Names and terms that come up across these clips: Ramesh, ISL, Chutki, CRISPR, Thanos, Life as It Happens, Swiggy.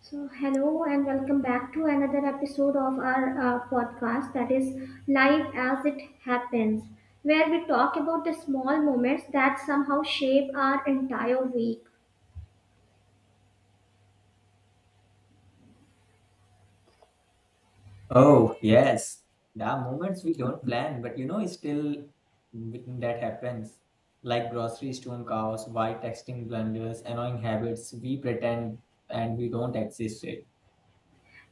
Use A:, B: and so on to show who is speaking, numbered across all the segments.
A: So, hello and welcome back to another episode of our podcast that is Life as It Happens, where we talk about the small moments that somehow shape our entire week
B: Oh, yes. There are moments we don't plan, but you know, it's still that happens. Like grocery store chaos, why texting blunders, annoying habits, we pretend and we don't exist it.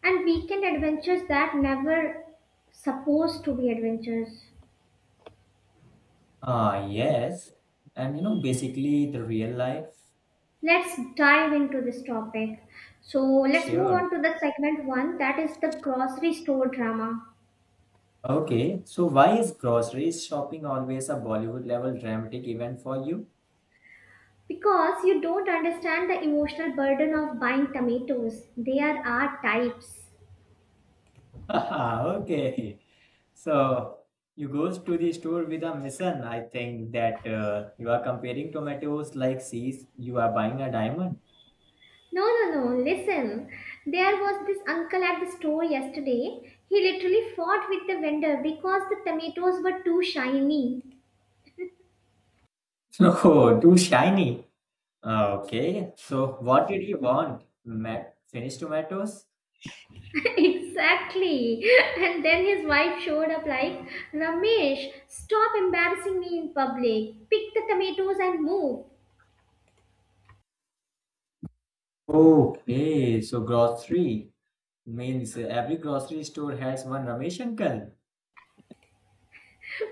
A: and weekend adventures that never supposed to be adventures.
B: Ah, yes. And you know, basically the real life.
A: Let's dive into this topic. So, let's move
B: Sure.
A: on to the segment one that is the grocery store drama.
B: Okay. So why is grocery shopping always a Bollywood level dramatic event for you?
A: Because you don't understand the emotional burden of buying tomatoes, there are types.
B: Okay. So you goes to the store with a mission. I think that you are comparing tomatoes like seas. You are buying a diamond.
A: No, no, no. Listen. There was this uncle at the store yesterday. He literally fought with the vendor because the tomatoes were too shiny.
B: No, too shiny. Okay. So what did you want? Finished tomatoes?
A: Exactly. And then his wife showed up like, Ramesh, stop embarrassing me in public. Pick the tomatoes and move.
B: Okay. So grocery means every grocery store has one Ramesh uncle.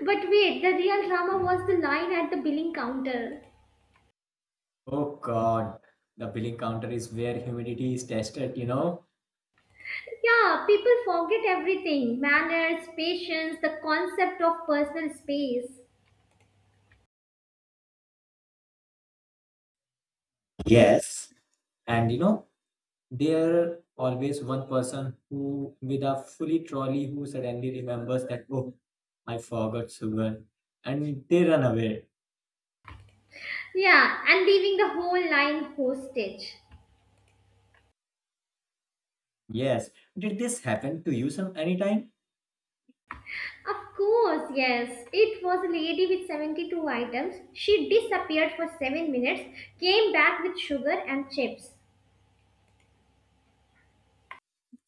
A: But wait, the real drama was the line at the billing counter.
B: Oh God. The billing counter is where humidity is tested, you know?
A: Yeah, people forget everything manners, patience, the concept of personal space.
B: Yes. And you know, there always one person who with a fully trolley who suddenly remembers that oh, I forgot sugar and they run away.
A: Yeah, and leaving the whole line hostage.
B: Yes, did this happen to you some anytime?
A: Of course, yes. It was a lady with 72 items. She disappeared for 7 minutes, came back with sugar and chips.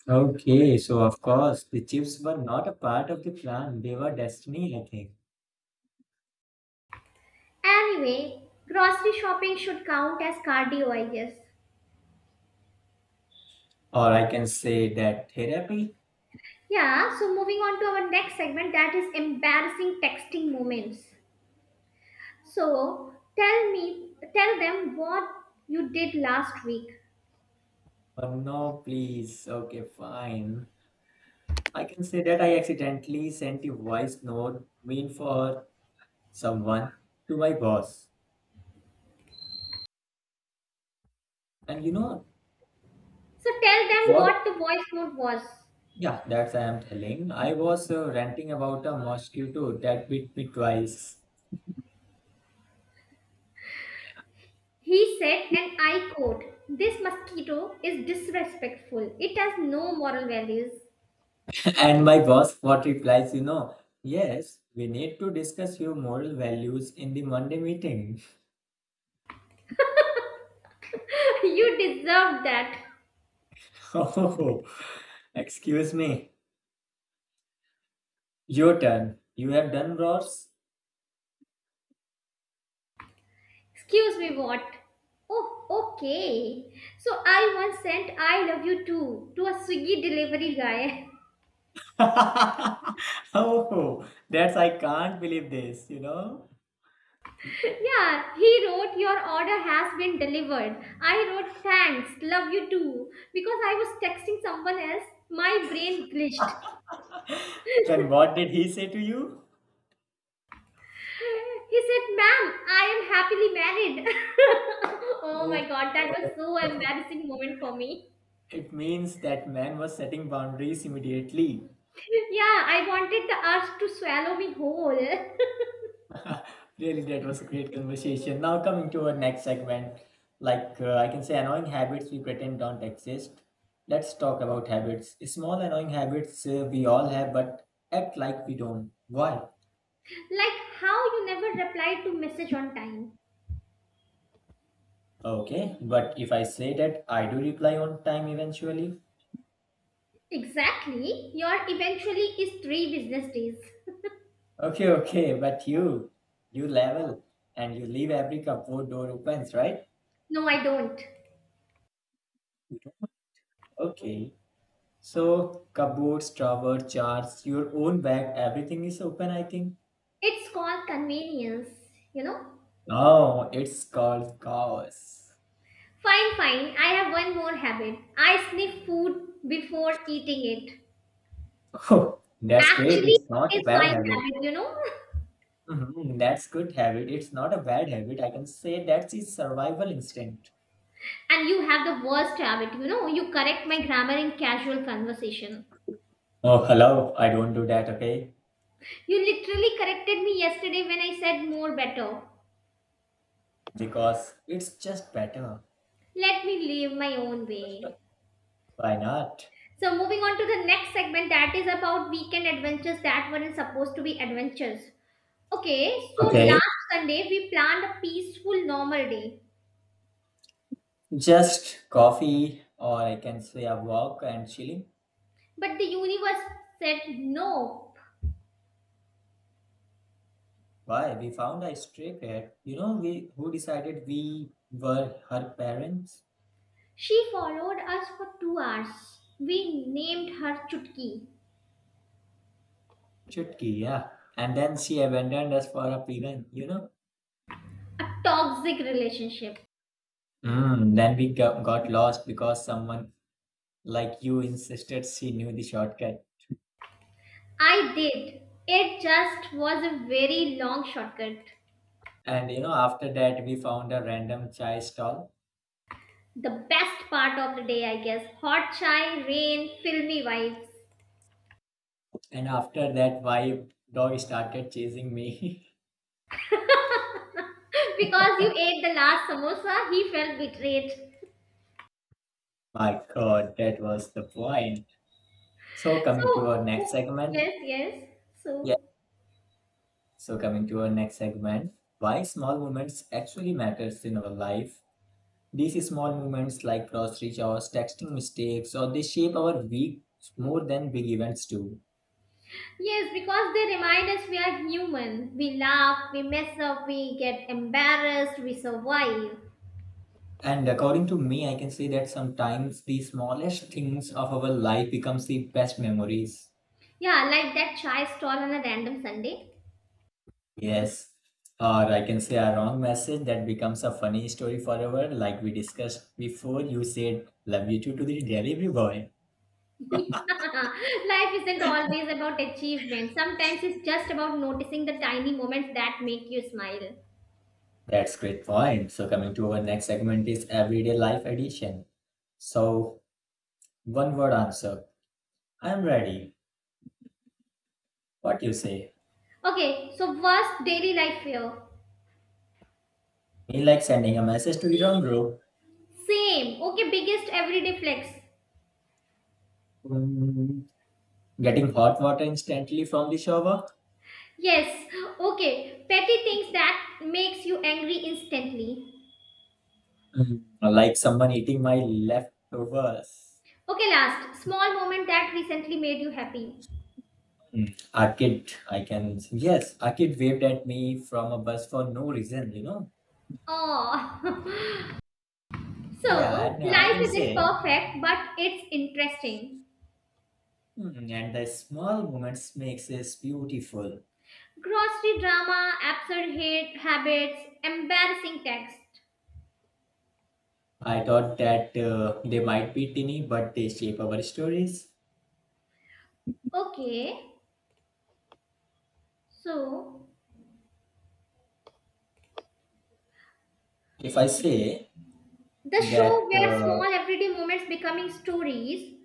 B: Okay, so of course the chips were not a part of the plan. They were destiny, I think.
A: Anyway, grocery shopping should count as cardio, I guess.
B: Or I can say that therapy.
A: Yeah, so moving on to our next segment that is embarrassing texting moments. So, tell me, tell them what you did last week.
B: Oh no, please. Okay, fine. I can say that I accidentally sent a voice note mean for someone to my boss, and you know
A: So, tell them what the
B: what?
A: voice note was.
B: Yeah, that's I am telling. I was ranting about a mosquito that bit me twice.
A: He said, and I quote, this mosquito is disrespectful. It has no moral values.
B: And my boss, what replies, you know, yes, we need to discuss your moral values in the Monday meeting.
A: You deserve that.
B: Oh, excuse me. Your turn. You have done worse.
A: Excuse me, what? Oh, okay. So I once sent I love you too to a Swiggy delivery guy.
B: Oh, that's I can't believe this, you know.
A: Yeah, he wrote, your order has been delivered. I wrote, thanks, love you too. Because I was texting someone else, my brain glitched.
B: And what did he say to you?
A: He said, ma'am, I am happily married. Oh
B: Oh,
A: my god, that was so embarrassing moment for me.
B: it means that man was setting boundaries immediately.
A: Yeah, I wanted the earth to swallow me whole.
B: Really, that was a great conversation. Now, coming to our next segment, like I can say, annoying habits we pretend don't exist. Let's talk about habits. Small annoying habits we all have, but act like we don't. Why?
A: Like how you never replied to message on time.
B: Okay, but if I say that, I do reply on time eventually.
A: Exactly. Your eventually is three business days.
B: Okay, okay, but you level and you leave every cupboard door opens, right?
A: No, I don't.
B: Okay. So, cupboards, drawer, charts, your own bag, everything is open, I think.
A: It's called convenience, you know?
B: Oh, it's called chaos.
A: Fine, fine. I have one more habit. I sniff food before eating it.
B: Oh, that's great.
A: Actually,
B: It's not a
A: it's my
B: bad habit.
A: habit,
B: Mhm, that's good habit. It's not a bad habit. I can say that's his survival instinct.
A: And you have the worst habit, you correct my grammar in casual conversation.
B: Oh, hello. I don't do that, okay?
A: You literally corrected me yesterday when I said more better.
B: Because it's just better.
A: Let me live my own way.
B: Why not?
A: So, moving on to the next segment that is about weekend adventures that weren't supposed to be adventures. Okay, so
B: Okay.
A: last Sunday we planned a peaceful, normal day,
B: Just coffee, or I can say a walk and chilling.
A: but the universe said no.
B: Why? We found a stray cat. You know, we who decided we were her parents?
A: She followed us for 2 hours. We named her Chutki,
B: Chutki, yeah. And then she abandoned us for a pigeon, you know?
A: a toxic relationship.
B: Mm, then got lost because someone like you insisted she knew the shortcut.
A: I did. It just was a very long shortcut.
B: And you know, after that, we found a random chai stall.
A: The best part of the day, I guess. Hot chai, rain, filmy vibes.
B: And after that, my dog started chasing me.
A: Because you ate the last samosa, he felt betrayed.
B: My God, that was the point. So, coming to our
A: So,
B: next segment.
A: yes, yes.
B: Yeah.
A: So,
B: So, coming to our next segment, why small moments actually matters in our life. These small moments like grocery chores, texting mistakes, or they shape our week more than big events do.
A: yes, because they remind us we are human. We laugh, we mess up, we get embarrassed, we survive.
B: And according to me, I can say that sometimes the smallest things of our life becomes the best memories.
A: Yeah, like that chai stall on a random Sunday.
B: Yes. Or I can say a wrong message that becomes a funny story forever, like we discussed before. You said love you too to the delivery boy.
A: Life isn't always about achievement. Sometimes it's just about noticing the tiny moments that make you smile.
B: That's great point. So coming to our next segment is everyday life edition. So one word answer. I'm ready. What you say?
A: Okay, so worst daily life fear.
B: Me like sending a message to your own bro.
A: Same. Okay, biggest everyday flex.
B: Mm, getting hot water instantly from the shower.
A: Yes. Okay, petty things that makes you angry instantly.
B: Mm. Like someone eating my leftovers.
A: Okay, last small moment that recently made you happy.
B: Mm. A kid, I can. Yes, a kid waved at me from a bus for no reason, you know?
A: Oh.
B: Yeah,
A: So
B: and I
A: life
B: can
A: isn't
B: say,
A: perfect, but it's interesting.
B: "Hmm, and the small moments makes us beautiful.
A: Grocery drama, absurd hate habits, embarrassing text.
B: I thought that they might be tiny, but they shape our stories.
A: Okay, so
B: If I say
A: the show
B: that
A: where small everyday moments becoming stories.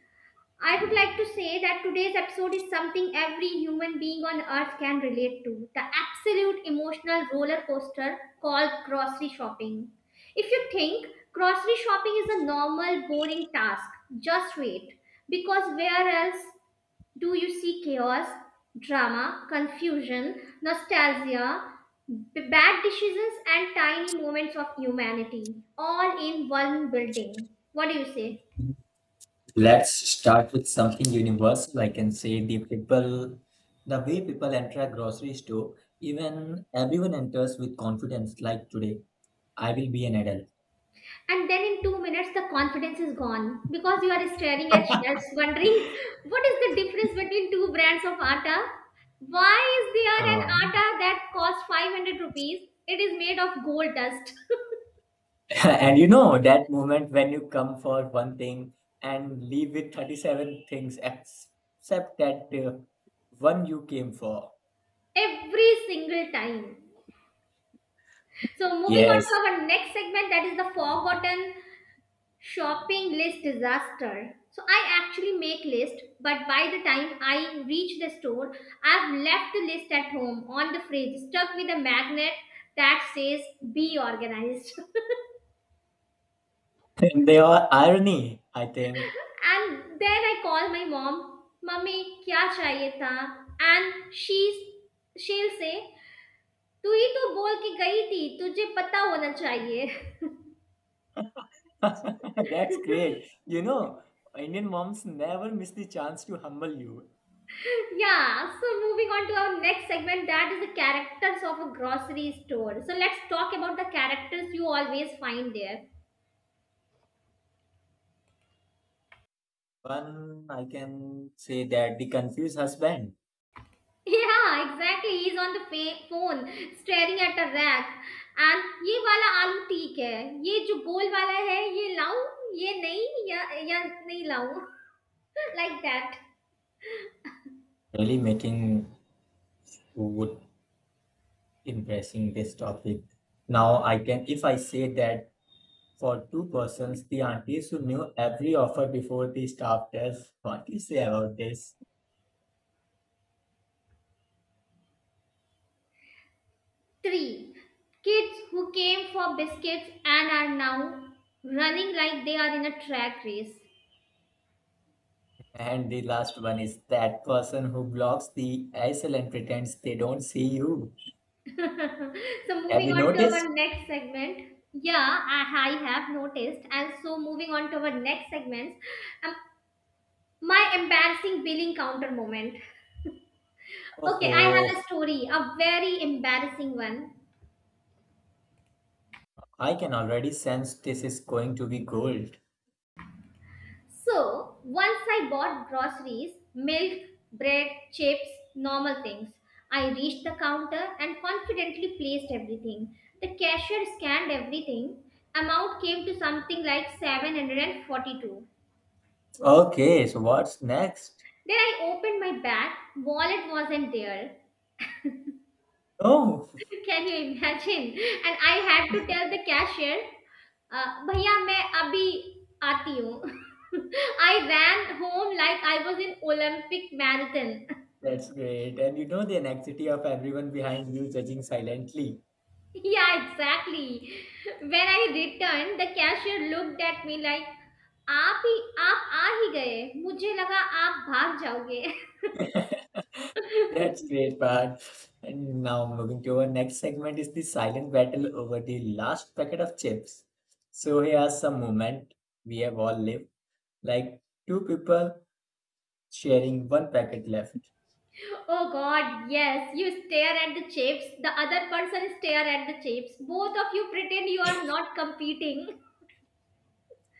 A: I would like to say that today's episode is something every human being on earth can relate to the absolute emotional roller coaster called grocery shopping. If you think grocery shopping is a normal, boring task, just wait, because where else do you see chaos, drama, confusion, nostalgia, bad decisions, and tiny moments of humanity all in one building? What do you say?
B: let's start with something universal. I can say the people, the way people enter a grocery store, even everyone enters with confidence, like today, I will be an adult.
A: And then in 2 minutes, the confidence is gone because you are staring at shelves, wondering what is the difference between two brands of atta? Why is there an
B: Uh,
A: atta that costs 500 rupees? It is made of gold dust.
B: and you know, that moment when you come for one thing and leave with 37 things, except that one you came for.
A: Every single time. So moving on
B: Yes,
A: to our next segment that is the forgotten shopping list disaster. So I actually make list, but by the time I reach the store I've left the list at home on the fridge stuck with a magnet that says be organized.
B: they are irony, I think.
A: And then I call my mom, "Mummy, क्या चाहिए था?" And she'll say, "तू ही तो बोल के गई थी, तुझे पता होना चाहिए."
B: That's great. You know, Indian moms never miss the chance to humble you.
A: Yeah, so moving on to our next segment that is the characters of a grocery store. So let's talk about the characters you always find there.
B: One, I can say that the confused husband
A: Yeah, exactly. He's on the phone staring at a rack. And ये वाला आलू ठीक है ये जो गोल वाला है ये लाऊं ये नहीं या या नहीं लाऊं. Like that.
B: really making would impressing this topic. Now I can, if I say that for two persons, the aunties who knew every offer before the staff tells, what do you say about this?
A: 3. Kids who came for biscuits and are now running like they are in a track race.
B: And the last one is that person who blocks the ISL and pretends they don't see you.
A: So
B: Have
A: moving
B: you
A: on to our
B: noticed?
A: next segment, yeah I have noticed, and so moving on to our next segment, um, my embarrassing billing counter moment. Okay, I have a
B: Oh,
A: story, a very embarrassing one.
B: I can already sense this is going to be gold.
A: So once I bought groceries, milk, bread, chips, normal things. I reached the counter and confidently placed everything. The cashier scanned everything. Amount came to something like 742.
B: Okay, so what's next?
A: Then I opened my bag, wallet wasn't there.
B: Oh,
A: Can you imagine? And I had to tell the cashier, भैया abhi aati आती. I ran home like I was in Olympic marathon.
B: that's great. And you know the anxiety of everyone behind you judging silently.
A: Yeah, exactly. When I returned, the cashier looked at me like, आप ही आप आ ही गए मुझे लगा आप भाग जाओगे.
B: That's great part. And now moving to our next segment is the silent battle over the last packet of chips. So here's some moment we have all lived. Like two people sharing one packet left.
A: Oh god, yes. You stare at the chips, the other person stare at the chips. Both of you pretend you are not competing.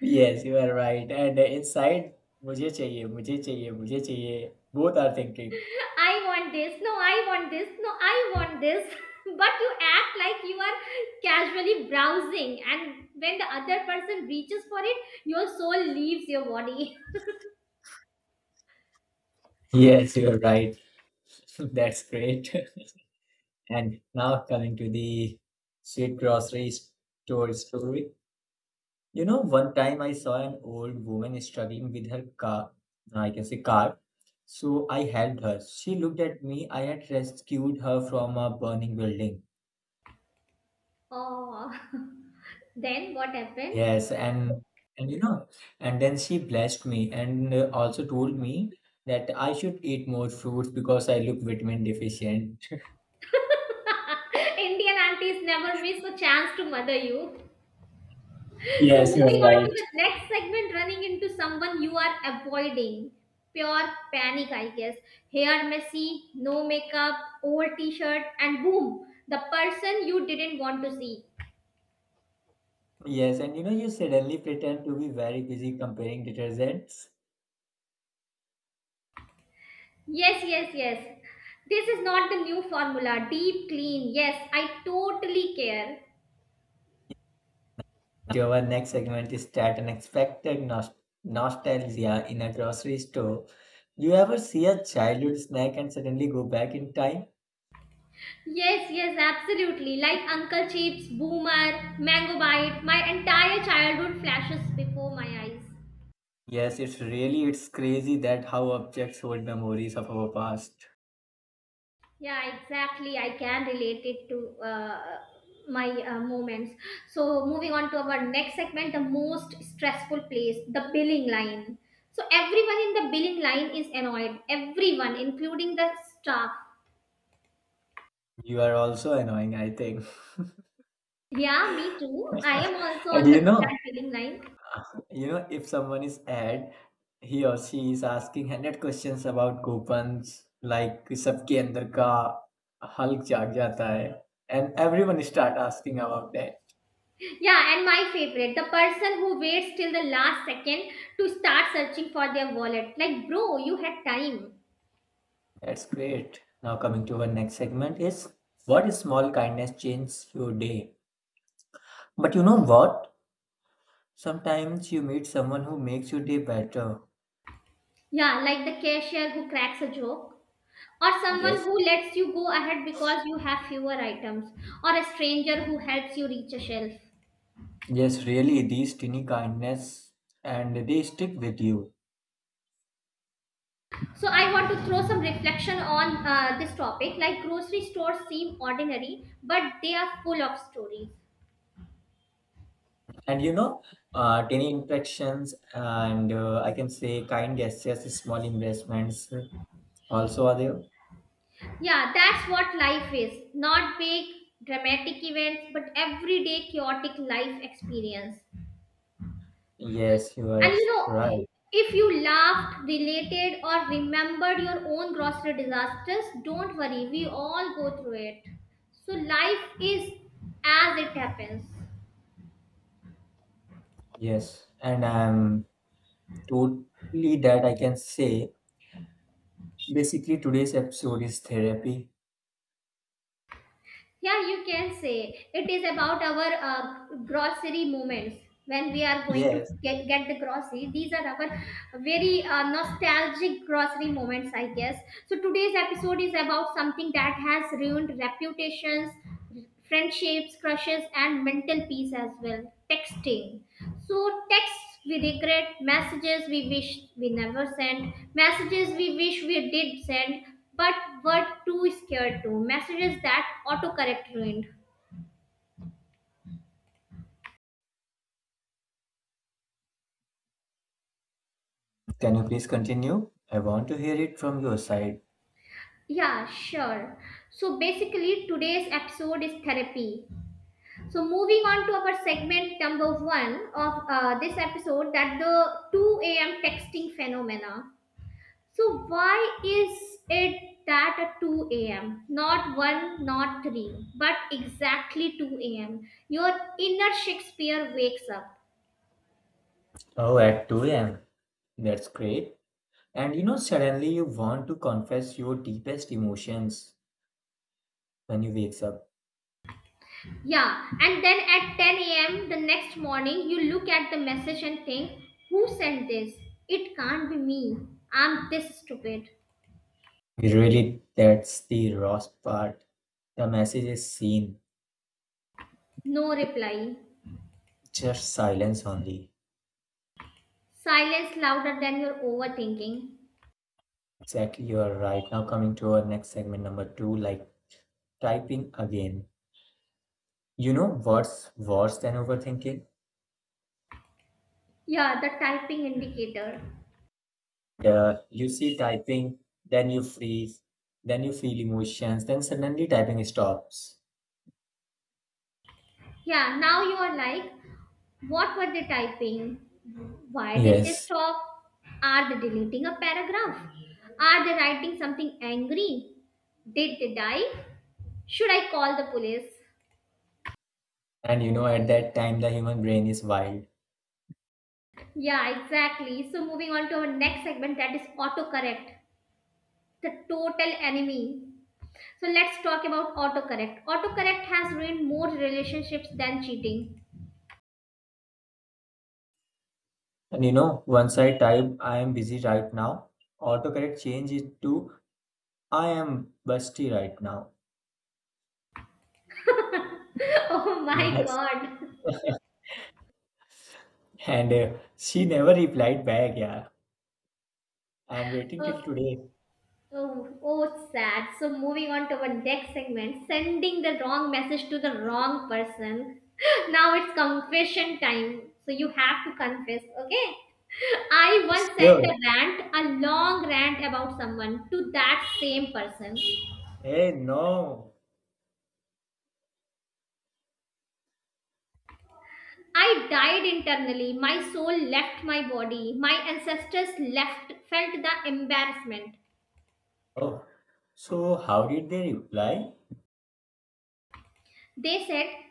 B: Yes, you are right. And inside, मुझे चाहिए, मुझे चाहिए, मुझे चाहिए. Both are thinking.
A: I want this. No, I want this. No, I want this. But you act like you are casually browsing, and when the other person reaches for it, your soul leaves your body.
B: Yes, you are right. That's great. And now coming to the sweet grocery store story. You know, one time I saw an old woman struggling with her car, I can say car. So I helped her. She looked at me. I had rescued her from a burning building.
A: Oh. Then what happened?
B: Yes, and you know, and then she blessed me and also told me that I should eat more fruits because I look vitamin deficient.
A: Indian aunties never miss a chance to mother you. So
B: Yes, you are
A: moving on to the
B: right.
A: next segment, running into someone you are avoiding. Pure panic, I guess. Hair messy, no makeup, old t-shirt, and boom, the person you didn't want to see.
B: Yes, and you know, you suddenly pretend to be very busy comparing detergents.
A: Yes, yes, yes. This is not the new formula. Deep clean. Yes, I totally care.
B: Our next segment is that nostalgia in a grocery store. You ever see a childhood snack and suddenly go back in time?
A: Yes, yes, absolutely. Like Uncle Chips, Boomer, Mango Bite, my entire childhood flashes before my eyes.
B: Yes, it's really it's crazy that how objects hold memories of our past.
A: Yeah, exactly. I can relate it to my moments. So, moving on to our next segment, the most stressful place, the billing line. So, everyone in the billing line is annoyed, everyone, including the staff.
B: You are also annoying, I think.
A: Yeah, me too. I am also
B: And
A: on the
B: you know,
A: that billing line.
B: you know, if someone is ad, he or she is asking 100 questions about coupons, like सबके अंदर का Hulk जाग जाता है, and everyone start asking about that.
A: Yeah, and my favorite, the person who waits till the last second to start searching for their wallet. Like, bro, you had time.
B: That's great. Now coming to our next segment is what small kindness changes your day? But you know what? Sometimes you meet someone who makes your day better.
A: Yeah, like the cashier who cracks a joke, or someone
B: Yes.
A: who lets you go ahead because you have fewer items, or a stranger who helps you reach a shelf.
B: Yes, really, these tiny kindness and they stick with you.
A: So, I want to throw some reflection on this topic. Like, grocery stores seem ordinary, but they are full of stories.
B: And you know, tiny interactions and I can say kind gestures, small investments also are there.
A: Yeah, that's what life is. Not big, dramatic events, but everyday chaotic life experience.
B: Yes, you are
A: And
B: absolutely right.
A: if you laughed, related, or remembered your own grocery disasters, don't worry, we all go through it. So life is as it happens.
B: Yes, and I'm totally that I can say basically today's episode is therapy.
A: Yeah, you can say it is about our grocery moments when we are going to
B: Yes,
A: get the grocery. These are our very nostalgic grocery moments, I guess. So today's episode is about something that has ruined reputations, friendships, crushes, and mental peace as well. Texting. So, texts we regret, messages we wish we never sent, messages we wish we did send, but were too scared to, messages that autocorrect ruined.
B: can you please continue? I want to hear it from your side.
A: Yeah, sure. So, basically, today's episode is therapy. So, moving on to our segment number one of this episode that the 2 a.m. texting phenomena. So why is it that at 2 a.m., not 1, not 3, but exactly 2 a.m., your inner Shakespeare wakes up?
B: Oh, at 2 a.m. That's great. And you know, suddenly you want to confess your deepest emotions when you wakes up.
A: Yeah, and then at 10 a.m. the next morning, you look at the message and think, who sent this? It can't be me. I'm this stupid.
B: Really, that's the rough part. The message is seen,
A: No reply.
B: just silence only.
A: Silence louder than your overthinking.
B: Exactly, you are right. Now, coming to our next segment, number two, like typing again. You know what's worse than overthinking?
A: Yeah, the typing indicator.
B: You see typing, then you freeze, then you feel emotions, then suddenly typing stops.
A: Yeah, now you are like, what were they typing? Why did they
B: Yes.
A: stop? Are they deleting a paragraph? Are they writing something angry? Did they die? Should I call the police?
B: And you know, at that time, the human brain is wild.
A: Yeah, exactly. So, moving on to our next segment that is autocorrect, the total enemy. So, let's talk about autocorrect. Autocorrect has ruined more relationships than cheating.
B: And you know, once I type, I am busy right now, autocorrect change it to I am busty right now.
A: Oh my
B: Yes.
A: god.
B: And she never replied back, yeah. I am waiting
A: Uh,
B: till today.
A: Oh, oh, it's sad. So moving on to our next segment, sending the wrong message to the wrong person. Now it's confession time. So you have to confess, okay? I once sent a
B: Sure.
A: rant, a long rant about someone to that same person.
B: Hey, no.
A: I died internally. My soul left my body. My ancestors left, felt the embarrassment.
B: Oh, so how did they reply?
A: They said,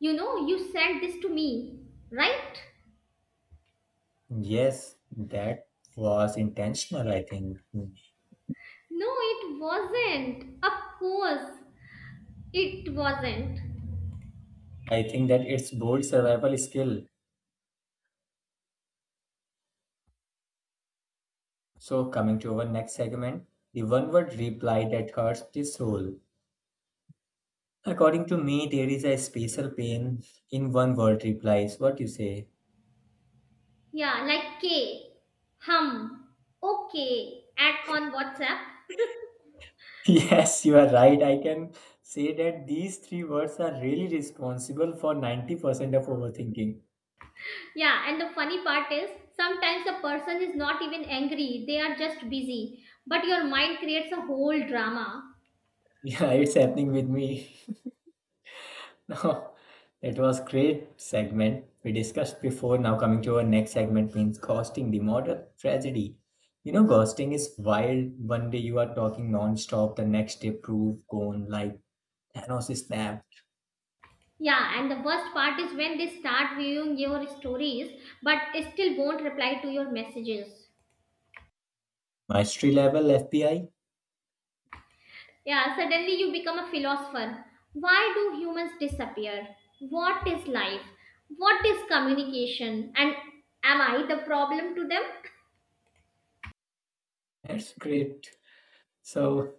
A: you know, you sent this to me, right?
B: Yes, that was intentional, I think.
A: No, it wasn't. Of course, it wasn't.
B: I think that it's bold survival skill. So, coming to our next segment, the one word reply that hurts the soul. According to me, there is a special pain in one word replies. What you say?
A: Yeah, like K. Hum. Okay. At on WhatsApp.
B: Yes, you are right. I can say that these three words are really responsible for 90% of overthinking.
A: Yeah, and the funny part is sometimes a person is not even angry, they are just busy. But your mind creates a whole drama.
B: Yeah, it's happening with me. Now, that was great segment we discussed before. Now coming to our next segment means ghosting, the modern tragedy. You know, ghosting is wild. One day you are talking non-stop, the next day proof gone like Thanos is snapped.
A: Yeah, and the worst part is when they start viewing your stories but still won't reply to your messages.
B: Mastery level FBI.
A: Yeah, suddenly you become a philosopher. Why do humans disappear? What is life? What is communication? And am I the problem to them?
B: That's great. So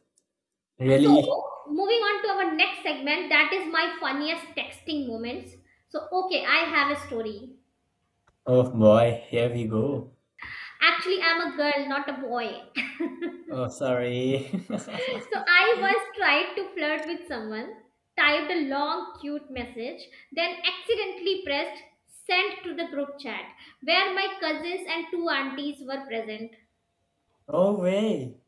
A: So,
B: really?
A: moving on to our next segment, that is my funniest texting moments. So, okay, I have a story.
B: Oh boy, here we go.
A: Actually, I'm a girl, not a boy.
B: Oh, sorry.
A: So I once tried to flirt with someone, typed a long cute message, then accidentally pressed send to the group chat where my cousins and two aunties were present.
B: No way.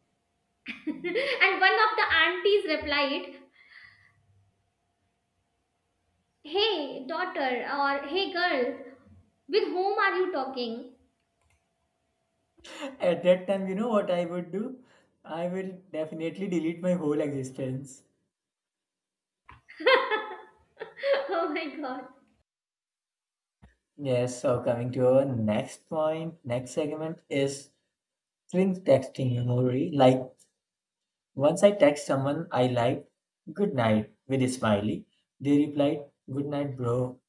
A: And one of the aunties replied, "Hey daughter" or "Hey girl, with whom are you talking?"
B: At that time, you know what I would do? I will definitely delete my whole existence.
A: Oh my god.
B: Yes, so coming to our next point, next segment is string texting memory. Like, once I text someone I liked, good night with a smiley. They replied, good night, bro.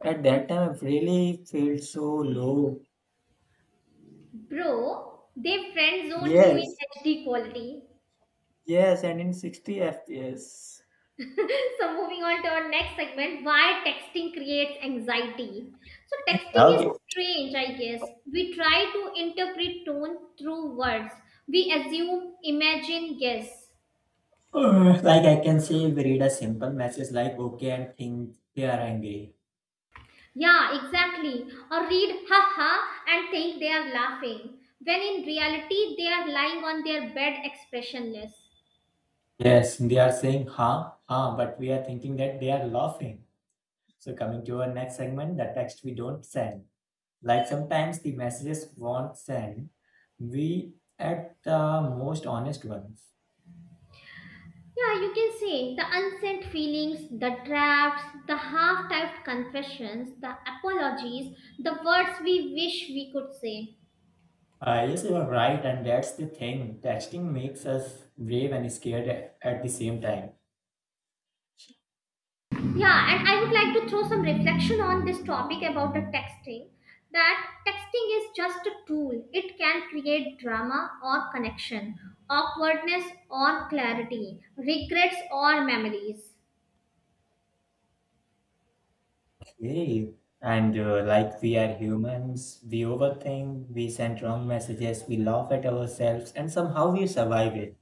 B: At that time, I really felt so low.
A: Bro, they friend zoned you in
B: Yes,
A: HD quality.
B: yes, and in 60 FPS.
A: So moving on to our next segment, why texting creates anxiety. So texting is
B: Okay.
A: strange, I guess. We try to interpret tone through words. We assume, imagine, guess.
B: Like I can say, we read a simple message like okay and think they are angry.
A: Yeah, exactly. Or read haha and think they are laughing when in reality they are lying on their bed expressionless.
B: Yes, they are saying huh, huh, but we are thinking that they are laughing. So coming to our next segment, the text we don't send. Like sometimes the messages won't send. We at the most honest ones.
A: Yeah, you can say the unsent feelings, the drafts, the half typed confessions, the apologies, the words we wish we could say.
B: Yes, you are right, and that's the thing. Texting makes us brave and scared at the same time.
A: Yeah, and I would like to throw some reflection on this topic about the texting. That texting is just a tool. It can create drama or connection, awkwardness or clarity, regrets or memories.
B: Okay. And like we are humans, we overthink, we send wrong messages, we laugh at ourselves, and somehow we survive it.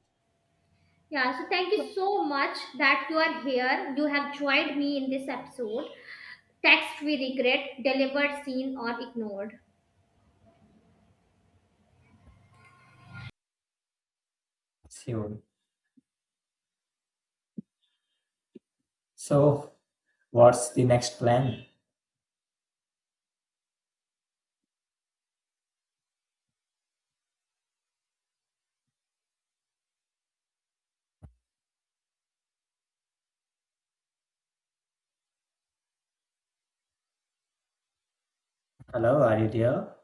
A: Yeah, so thank you so much that you are here. You have joined me in this episode. Text we regret, delivered, seen, or ignored.
B: So, so what's the next plan? Hello, are you there?